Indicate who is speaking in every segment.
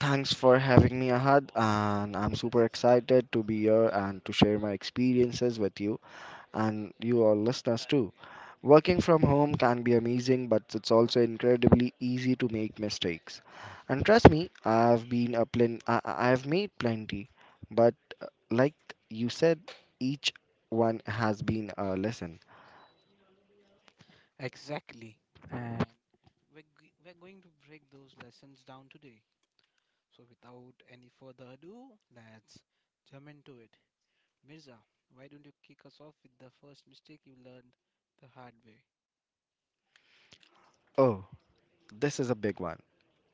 Speaker 1: Thanks for having me, Ahad, and I'm super excited to be here and to share my experiences with you and you all listeners too. Working from home can be amazing, but it's also incredibly easy to make mistakes. And trust me, I've been a plen- I- I've made plenty, but like you said, each one has been a lesson. Oh, this is a big one.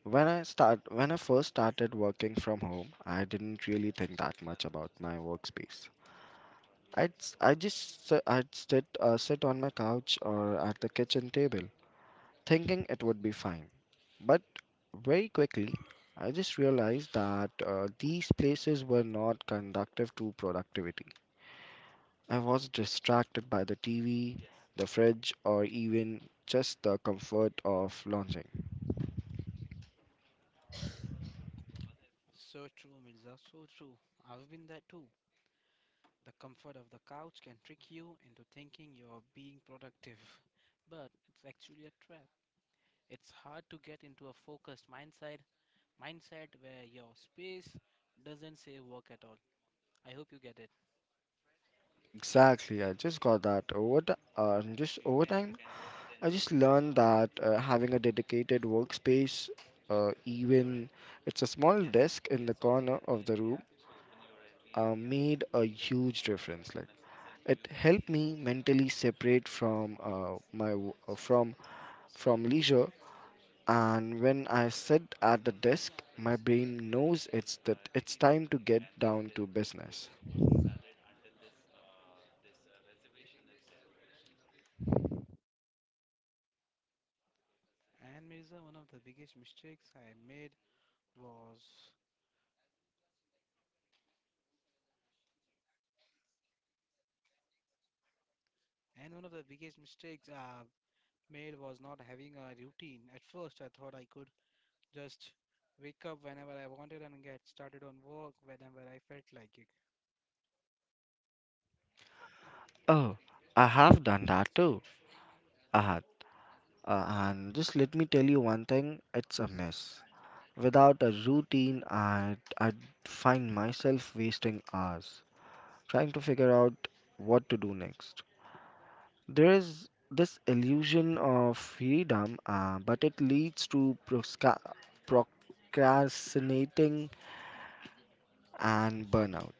Speaker 1: When I first started working from home, I didn't really think that much about my workspace. I'd s- I just s- I'd sit sit on my couch or at the kitchen table, thinking it would be fine. But very quickly, I just realized that these places were not conductive to productivity. I was distracted by the TV, the fridge, or even just the comfort of lounging. Exactly, I just got that over just overtime. I just learned that having a dedicated workspace, even it's a small desk in the corner of the room, made a huge difference. Like it helped me mentally separate from from leisure, and when I sit at the desk, my brain knows it's that it's time to get down to business. Oh, I have done that too. I had, and just let me tell you one thing: it's a mess. Without a routine, I'd find myself wasting hours trying to figure out what to do next. There is this illusion of freedom, but it leads to procrastinating and burnout.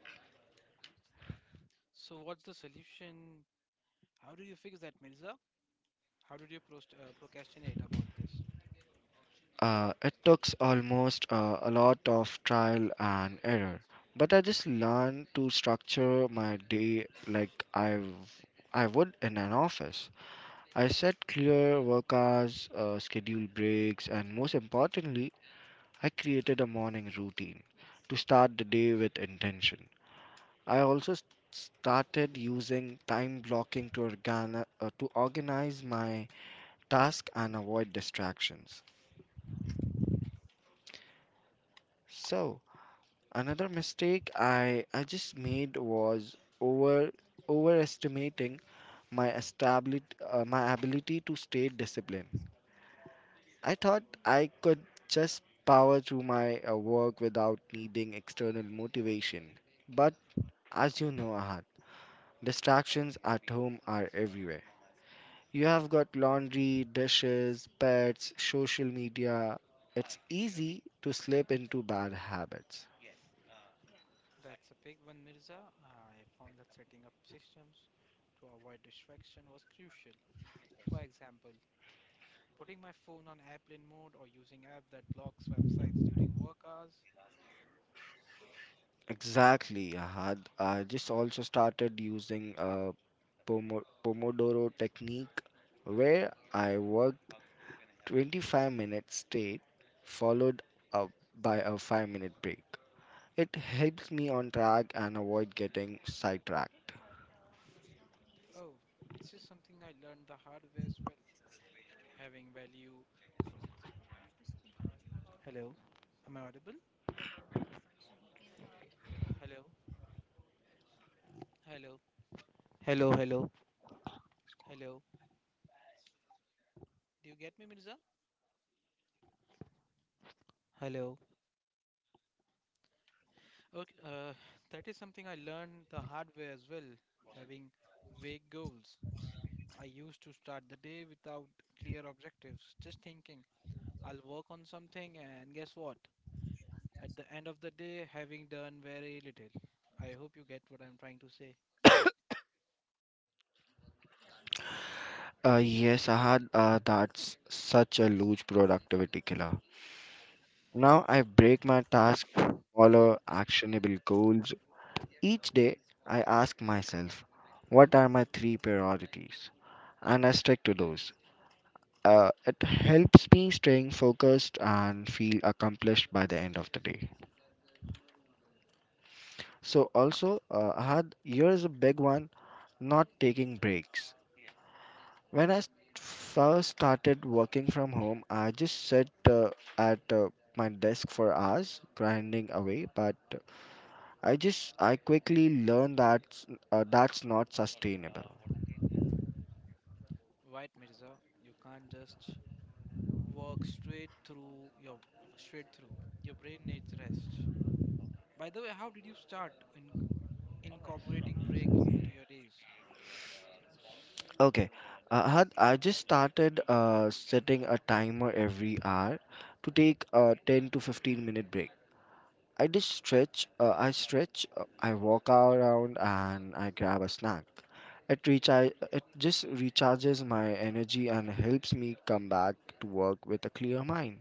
Speaker 1: It took almost a lot of trial and error, but I just learned to structure my day like I would in an office. I set clear work hours, scheduled breaks, and most importantly, I created a morning routine to start the day with intention. I also s- started using time blocking to, to organize my task and avoid distractions. So, another mistake I just made was overestimating my established my ability to stay disciplined. I thought I could just power through my work without needing external motivation. But as you know, Ahad, distractions at home are everywhere. You have got laundry, dishes, pets, social media. It's easy to slip into bad habits. Exactly, Ahad. I just also started using a Pomodoro technique where I work 25-minute straight, followed up by a 5-minute break. It helps me on track and avoid getting sidetracked. Yes, Ahad, that's such a huge productivity killer. Now I break my task to smaller, actionable goals. Each day, I ask myself, what are my three priorities? And I stick to those. It helps me staying focused and feel accomplished by the end of the day. So also, I had here's a big one: not taking breaks. When first started working from home, I just sat at my desk for hours, grinding away. But I quickly learned that that's not sustainable. Okay, I had I just started setting a timer every hour to take a 10 to 15 minute break. I just stretch. I stretch. I walk around and I grab a snack. It just recharges my energy and helps me come back to work with a clear mind.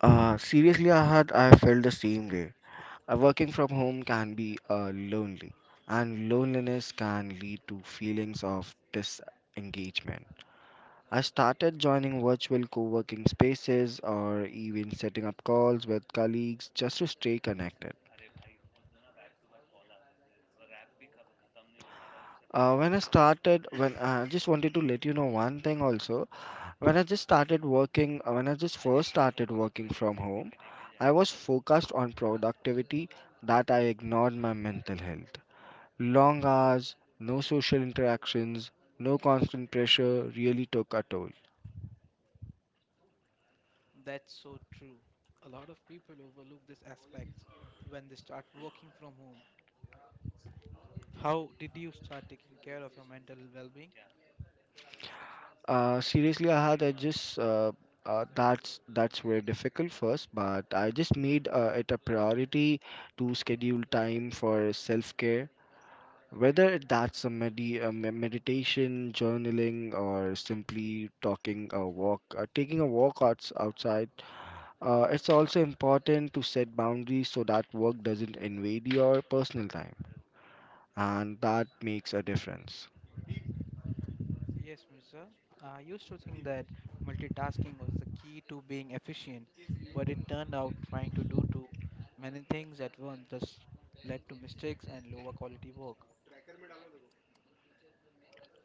Speaker 1: Seriously, Ahad, I felt the same way. Working from home can be lonely, and loneliness can lead to feelings of disengagement. I started joining virtual co working spaces or even setting up calls with colleagues just to stay connected. When I started, when I just wanted to let you know one thing also. When I just started working, when I just first started working from home, I was focused on productivity that I ignored my mental health. Long hours, no social interactions, no constant pressure really took a toll. Seriously, I had I just that's very difficult first, but I just made it a priority to schedule time for self care. Whether that's a, meditation, journaling, or simply talking a walk, taking a walk outside, it's also important to set boundaries so that work doesn't invade your personal time, and that makes a difference.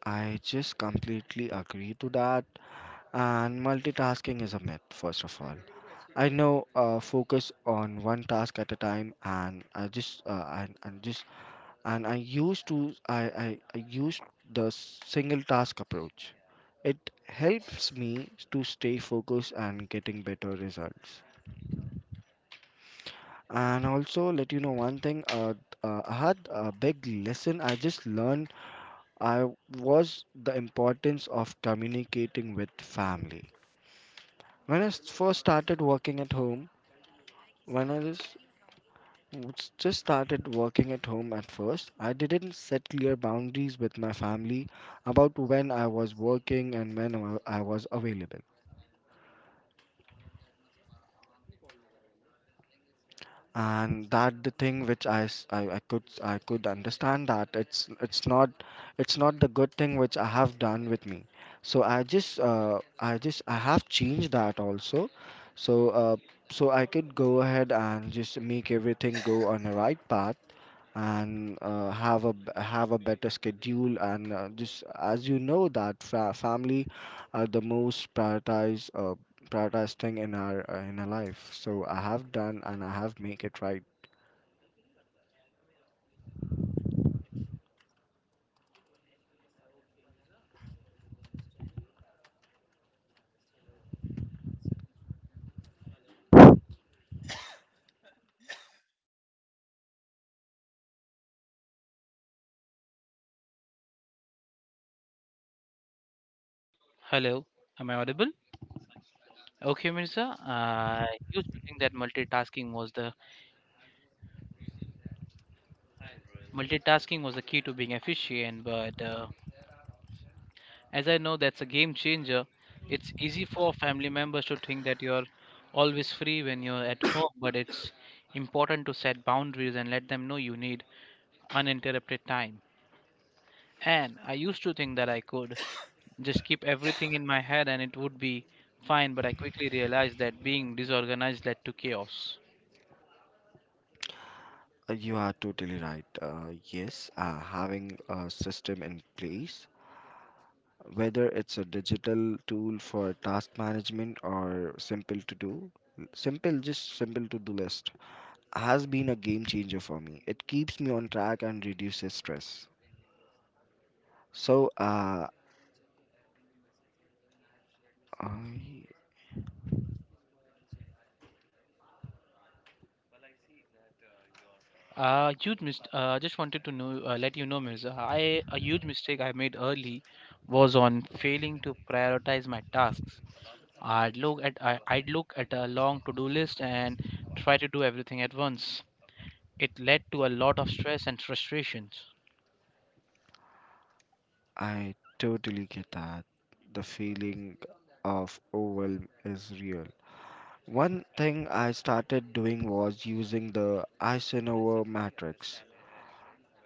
Speaker 1: I just completely agree to that. And multitasking is a myth, first of all. I know focus on one task at a time, and I just and just and I used to I used the single task approach. It helps me to stay focused and getting better results. And also let you know one thing. I had a big lesson I just learned. I was the importance of communicating with family. When I s- first started working at home, when I was w- Just started working at home at first. I didn't set clear boundaries with my family about when I was working and when I was available. And that the thing which I, s- I could understand that it's not it's not the good thing which I have done with me. So I have changed that also. So so I could go ahead and just make everything go on the right path and have a have a better schedule and just as you know that family are the most prioritized prioritized thing in our life, so I have done and I have make it right.
Speaker 2: Hello, am I audible? Okay, Mirza. I used to think that multitasking was the key to being efficient, but as I know that's a game changer. It's easy for family members to think that you're always free when you're at home, but it's important to set boundaries and let them know you need uninterrupted time. And I used to think that I could just keep everything in my head and it would be fine, but I quickly realized that being disorganized led to chaos.
Speaker 1: You are totally right, yes. Having a system in place, whether it's a digital tool for task management or simple to do simple to do list, has been a game changer for me. It keeps me on track and reduces stress. So, I,
Speaker 2: Huge mist. Just wanted to know, let you know, Mirza. I a huge mistake I made early was on failing to prioritize my tasks. I'd look at a long to-do list and try to do everything at once. It led to a lot of stress and frustrations.
Speaker 1: I totally get that. The feeling of overwhelm is real. One thing I started doing was using the Eisenhower matrix.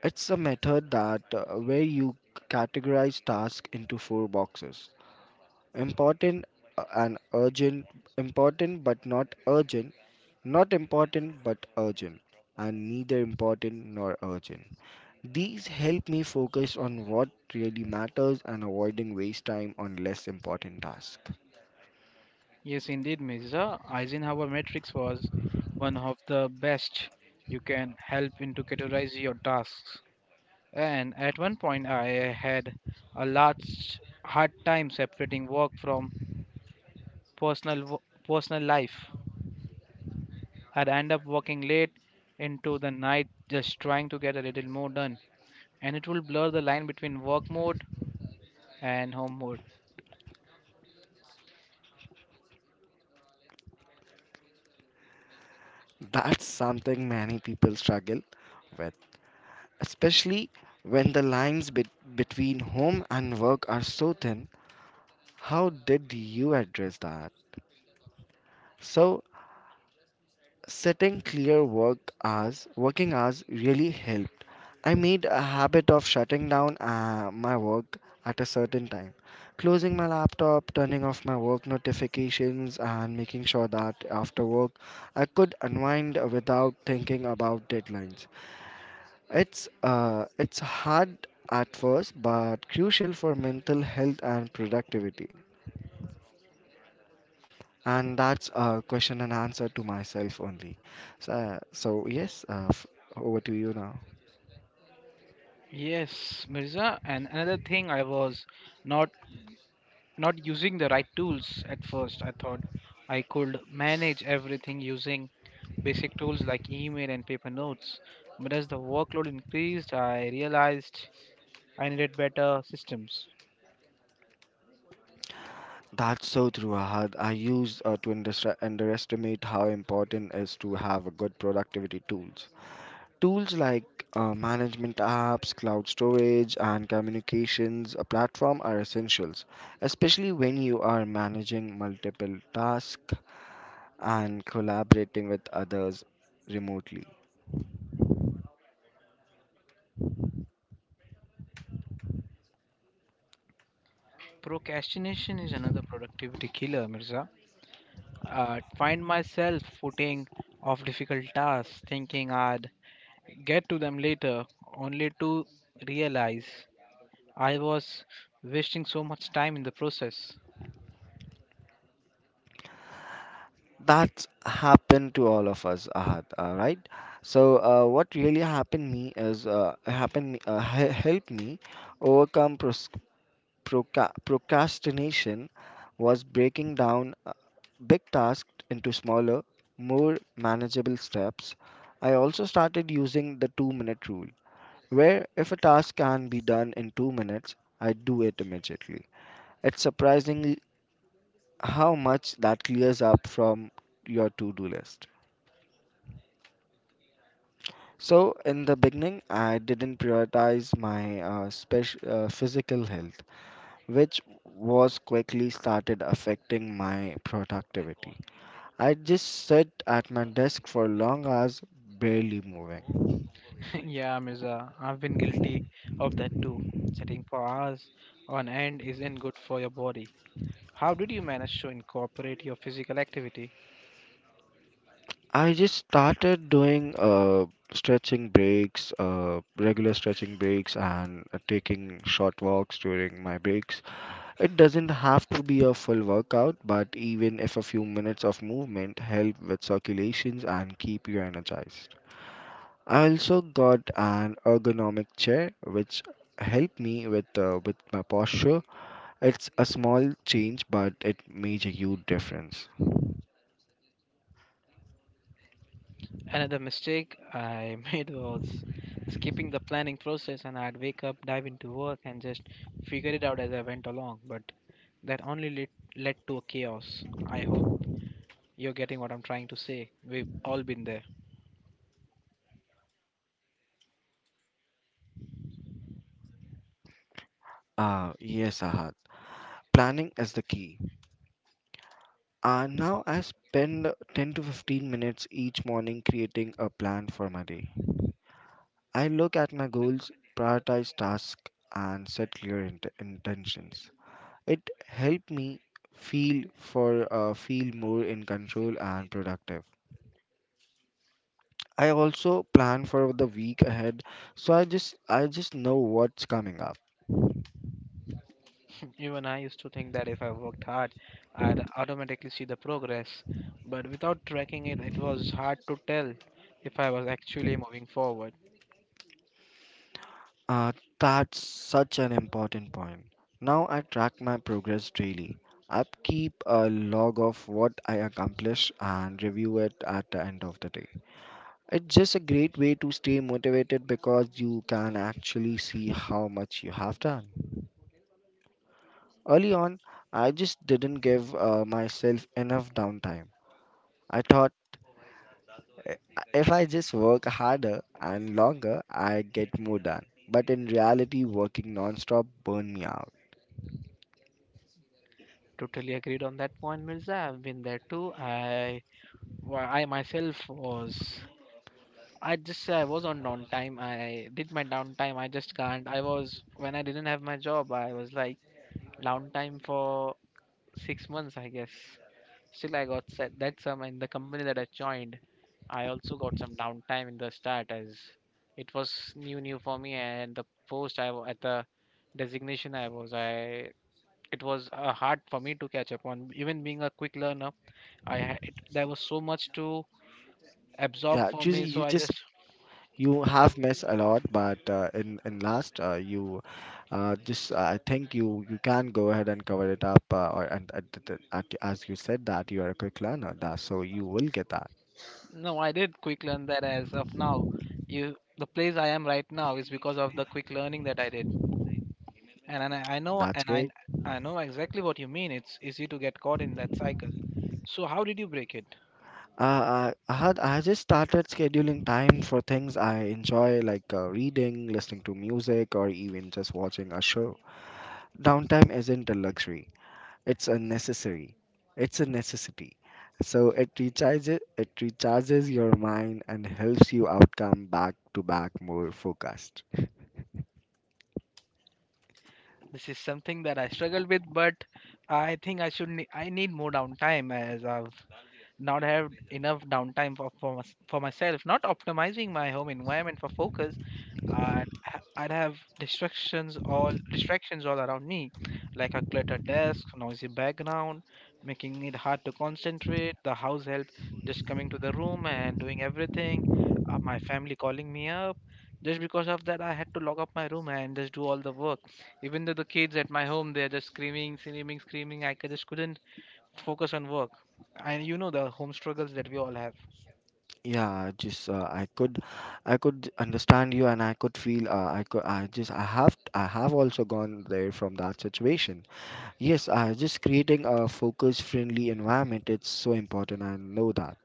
Speaker 1: It's a method that where you categorize tasks into four boxes: important and urgent, important but not urgent, not important but urgent, and neither important nor urgent. These help me focus on what really matters and avoiding waste time on less important tasks.
Speaker 2: Yes, indeed, Mirza. Eisenhower matrix was one of the best. You can help in to categorize your tasks. And at one point, I had a large hard time separating work from personal wo- personal life. I'd end up working late into the night just trying to get a little more done, and it will blur the line between work mode and home mode.
Speaker 1: That's something many people struggle with, especially when the lines between home and work are so thin. How did you address that? So, setting clear work hours, working hours really help. I made a habit of shutting down my work at a certain time, closing my laptop, turning off my work notifications, and making sure that after work I could unwind without thinking about deadlines. It's hard at first, but crucial for mental health and productivity. And that's a question and answer to myself only. So, so yes, over to you now.
Speaker 2: Yes, Mirza, and another thing I was not not using the right tools at first. I thought I could manage everything using basic tools like email and paper notes. But as the workload increased, I realized I needed better systems.
Speaker 1: That's so true, Ahad. I used to underestimate how important it is to have a good productivity tools. Tools like management apps, cloud storage, and communications a platform are essentials, especially when you are managing multiple tasks and collaborating with others remotely.
Speaker 2: Procrastination is another productivity killer, Mirza. Find myself footing of difficult tasks, thinking I'd get to them later, only to realize I was wasting so much time in the process.
Speaker 1: That's happened to all of us, Ahad. All right. So, what really happened me is happened me, helped me overcome procrastination was breaking down big tasks into smaller, more manageable steps. I also started using the 2 minute rule, where if a task can be done in 2 minutes, I do it immediately. It's surprising how much that clears up from your to do list. So, in the beginning, I didn't prioritize my physical health, which was quickly started affecting my productivity. I just sit at my desk for long hours, barely moving.
Speaker 2: Yeah, Mirza, I've been guilty of that too. Sitting for hours on end isn't good for your body. How did you manage to incorporate your physical activity?
Speaker 1: I just started doing regular stretching breaks, and taking short walks during my breaks. It doesn't have to be a full workout, but even if a few minutes of movement help with circulations and keep you energized. I also got an ergonomic chair which helped me with my posture. It's a small change, but it made a huge difference.
Speaker 2: Another mistake I made was skipping the planning process, and I'd wake up, dive into work, and just figure it out as I went along. But that only led, led to a chaos. I hope you're getting what I'm trying to say. We've all been there.
Speaker 1: Ah, yes, Ahad. Planning is the key. And now I spend 10 to 15 minutes each morning creating a plan for my day. I look at my goals, prioritize tasks, and set clear intentions. It helped me feel more in control and productive. I also plan for the week ahead, so I just know what's coming up.
Speaker 2: Even I used to think that if I worked hard, I'd automatically see the progress. But without tracking it, it was hard to tell if I was actually moving forward.
Speaker 1: Uh, that's such an important point. Now I track my progress daily. I keep a log of what I accomplish and review it at the end of the day. It's just a great way to stay motivated because you can actually see how much you have done. Early on, I just didn't give myself enough downtime. I thought if I just work harder and longer, I get more done. But in reality, working non-stop burn me out.
Speaker 2: Totally agreed on that point, Mirza. I've been there too. I myself was, I just say I was on downtime. I did my downtime. I just can't. I was, when I didn't have my job. I was like downtime for 6 months, I guess. Still, I got set. That's in the company that I joined. I also got some downtime in the start as it was new for me. And the post I wa- at the designation I was, I it was hard for me to catch up on. Even being a quick learner, I had there was so much to absorb
Speaker 1: Yeah,
Speaker 2: for
Speaker 1: choosing
Speaker 2: me. So
Speaker 1: you
Speaker 2: I
Speaker 1: just
Speaker 2: just,
Speaker 1: you have missed a lot, but in last you just I think you can go ahead and cover it up. Or and at, the- at, As you said that you are a quick learner, that so you will get that.
Speaker 2: no, I did quick learn that as of now. The place I am right now is because of the quick learning that I did, and I know,
Speaker 1: That's great.
Speaker 2: I know exactly what you mean. It's easy to get caught in that cycle. So how did you break it?
Speaker 1: I just started scheduling time for things I enjoy, like reading, listening to music, or even just watching a show. Downtime isn't a luxury, it's a necessary. It's a necessity. So it recharges your mind and helps you outcome back to back more focused.
Speaker 2: This is something that I struggled with, but I think I should, I need more downtime as I've not have enough downtime for myself, not optimizing my home environment for focus. I'd, I'd have distractions all around me, like a cluttered desk, noisy background, making it hard to concentrate. The house help just coming to the room and doing everything. My family calling me up. Just because of that, I had to lock up my room and just do all the work. Even though the kids at my home, they're just screaming. Just couldn't focus on work, and you know the home struggles that we all have.
Speaker 1: Yeah, just I could understand you and I could feel I could I just I have also gone there from that situation. Yes, just creating a focus friendly environment it's so important. I know that.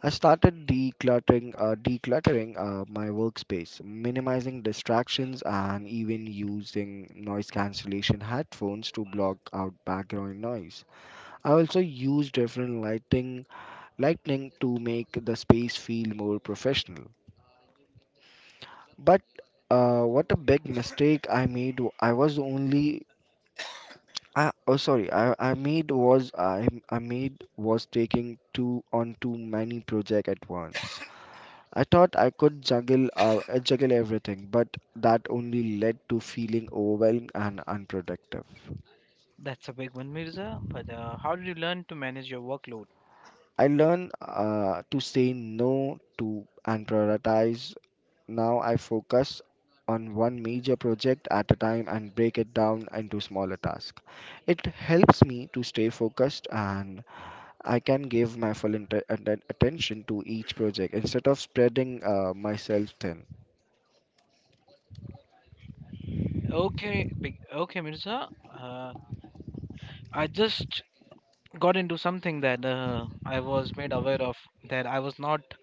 Speaker 1: I started decluttering, decluttering my workspace, minimizing distractions, and even using noise cancellation headphones to block out background noise. I also use lighting to make the space feel more professional. But what a big mistake I made! W- I was only I, oh sorry I made was taking too on too many projects at once. I thought I could juggle juggle everything, but that only led to feeling overwhelmed and unproductive.
Speaker 2: That's a big one, Mirza. But how did you learn to manage your workload?
Speaker 1: I learned to say no to and prioritize. Now I focus on one major project at a time and break it down into smaller tasks. It helps me to stay focused and I can give my full attention to each project instead of spreading myself thin.
Speaker 2: Okay, big, okay, Mirza, uh, I just got into something that I was made aware of, that I was not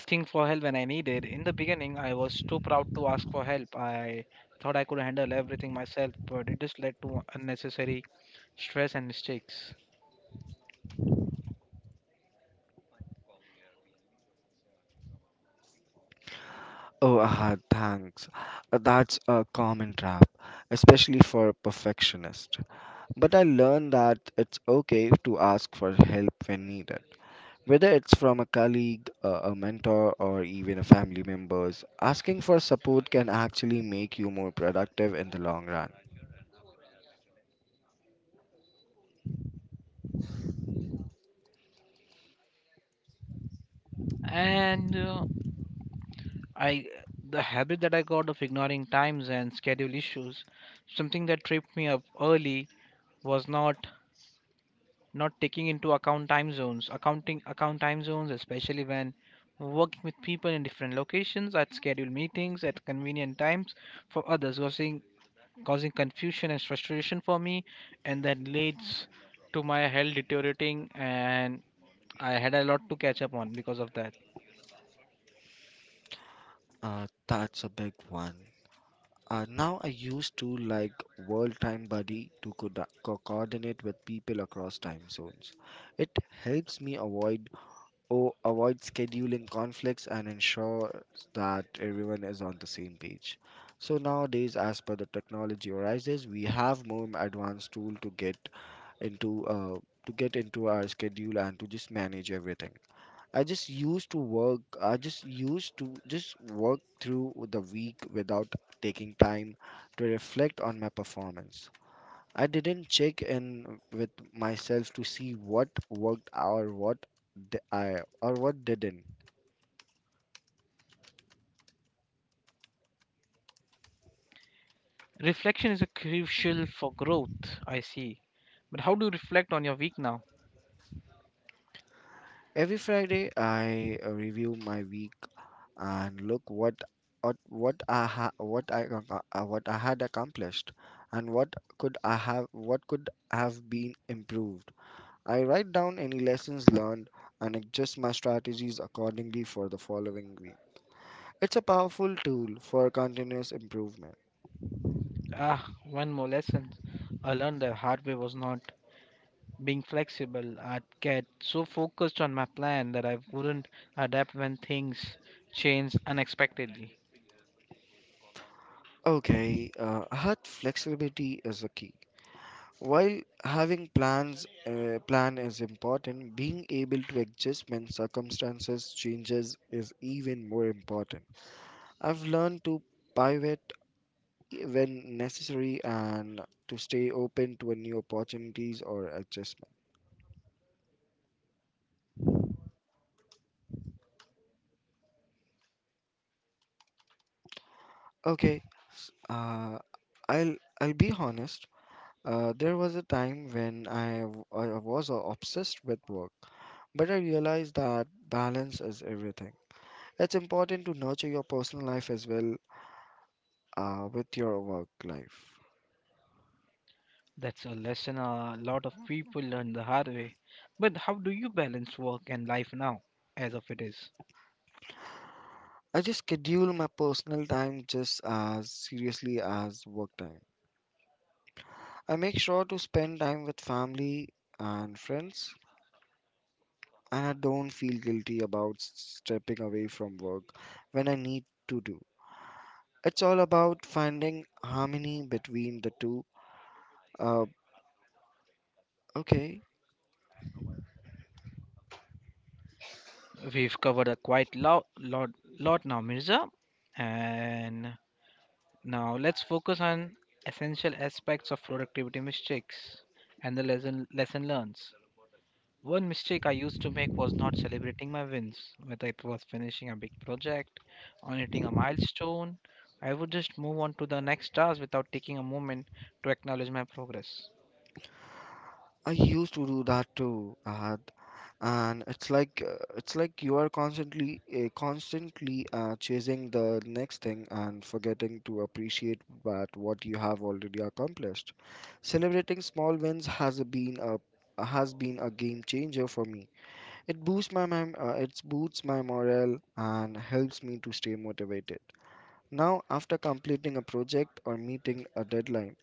Speaker 2: asking for help when I needed. In the beginning I was too proud to ask for help. I thought I could handle everything myself, but it just led to unnecessary stress and mistakes.
Speaker 1: Oh, ah, thanks. That's a common trap, especially for perfectionists. But I learned that it's okay to ask for help when needed. Whether it's from a colleague, a mentor, or even a family members, asking for support can actually make you more productive in the long run.
Speaker 2: And I the habit that I got of ignoring times and schedule issues, something that tripped me up early was not taking into account time zones, especially when working with people in different locations. I'd schedule meetings at convenient times for others, causing confusion and frustration for me, and that leads to my health deteriorating, and I had a lot to catch up on because of that.
Speaker 1: That's a big one. Now I used to like World Time Buddy to coordinate with people across time zones. It helps me avoid O avoid scheduling conflicts and ensure that everyone is on the same page. So nowadays, as per the technology arises, we have more advanced tool into uh, to get into our schedule and to just manage everything. I just used to work. I just used to just work through the week without taking time to reflect on my performance. I didn't check in with myself to see what worked or what d- I or what didn't.
Speaker 2: Reflection is a crucial for growth, I see. But how do you reflect on your week now?
Speaker 1: Every Friday, I review my week and look what I ha- what I ac- what I had accomplished and what could have been improved. I write down any lessons learned and adjust my strategies accordingly for the following week. It's a powerful tool for continuous improvement.
Speaker 2: Ah, one more lesson I learned the hard way was not being flexible. I'd get so focused on my plan that I wouldn't adapt when things change unexpectedly.
Speaker 1: Okay, hut flexibility is a key. While having plan is important, being able to adjust when circumstances changes is even more important. I've learned to pivot when necessary and to stay open to new opportunities or adjustment. Okay, s- uh, I'll be honest. There was a time when I was obsessed with work, but I realized that balance is everything. That's important to nurture your personal life as well with your work life.
Speaker 2: That's a lesson a lot of people learn the hard way. But how do you balance work and life now, as of it is?
Speaker 1: I just schedule my personal time just as seriously as work time. I make sure to spend time with family and friends, and I don't feel guilty about stepping away from work when I need to do. It's all about finding harmony between the two. Uh, okay,
Speaker 2: We've covered a lot now, Mirza. And now, let's focus on essential aspects of productivity mistakes and the lesson learns. One mistake I used to make was not celebrating my wins, whether it was finishing a big project or hitting a milestone. I would just move on to the next task without taking a moment to acknowledge my progress.
Speaker 1: I used to do that too, Ahad. And it's like you are constantly constantly chasing the next thing and forgetting to appreciate that what you have already accomplished. Celebrating small wins has been a game changer for me. It boosts my morale and helps me to stay motivated. Now, after completing a project or meeting a deadline,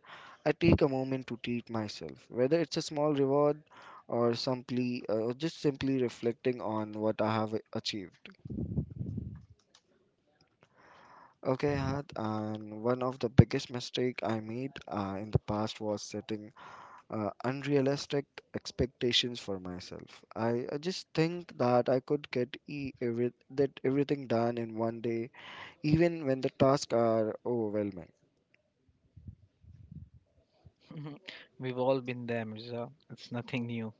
Speaker 1: I take a moment to treat myself, whether it's a small reward or simply or just simply reflecting on what I have achieved. Okay, Had, and one of the biggest mistake I made in the past was setting unrealistic expectations for myself. I just think that I could get e- every, that everything done in one day, even when the tasks are overwhelming.
Speaker 2: We've all been there, Mirza. It's nothing new.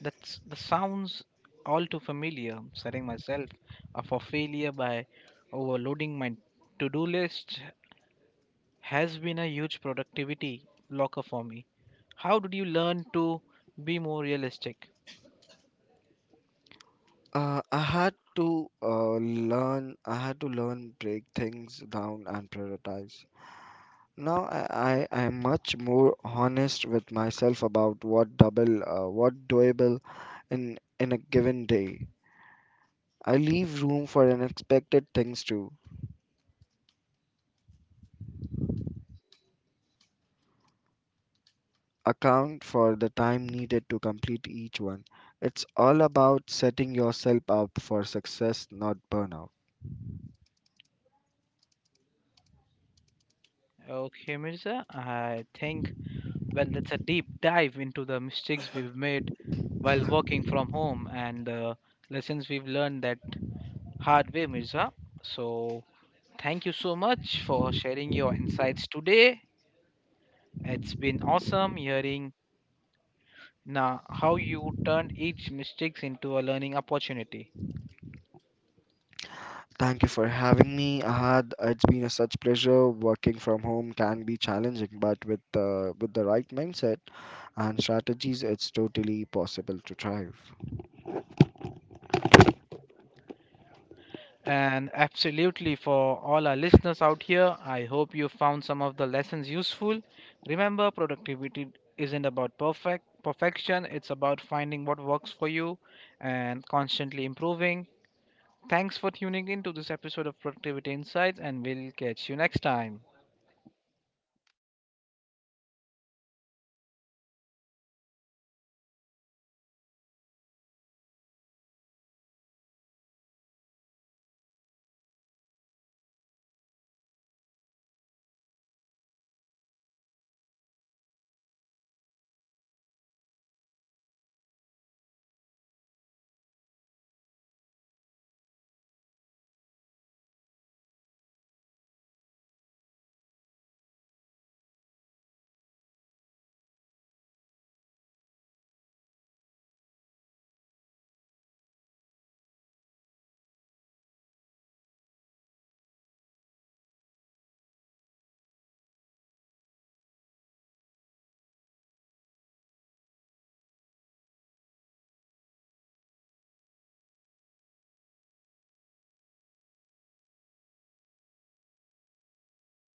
Speaker 2: That's the sounds all too familiar. Setting myself up for failure by overloading my to-do list has been a huge productivity blocker for me. How did you learn to be more realistic?
Speaker 1: Uh, I had to uh, I had to learn break things down and prioritize. Now I am much more honest with myself about what doable in a given day. I leave room for unexpected things to account for the time needed to complete each one. It's all about setting yourself up for success, not burnout.
Speaker 2: Okay, Mirza, I think, well, that's a deep dive into the mistakes we've made while working from home and the lessons we've learned that hard way, Mirza. So, thank you so much for sharing your insights today. It's been awesome hearing now how you turned each mistakes into a learning opportunity.
Speaker 1: Thank you for having me, Ahad. It's been a such pleasure. Working from home can be challenging, but with the right mindset and strategies, it's totally possible to thrive.
Speaker 2: And absolutely, for all our listeners out here, I hope you found some of the lessons useful. Remember, productivity isn't about perfection, it's about finding what works for you and constantly improving. Thanks for tuning in to this episode of Productivity Insights, and we'll catch you next time.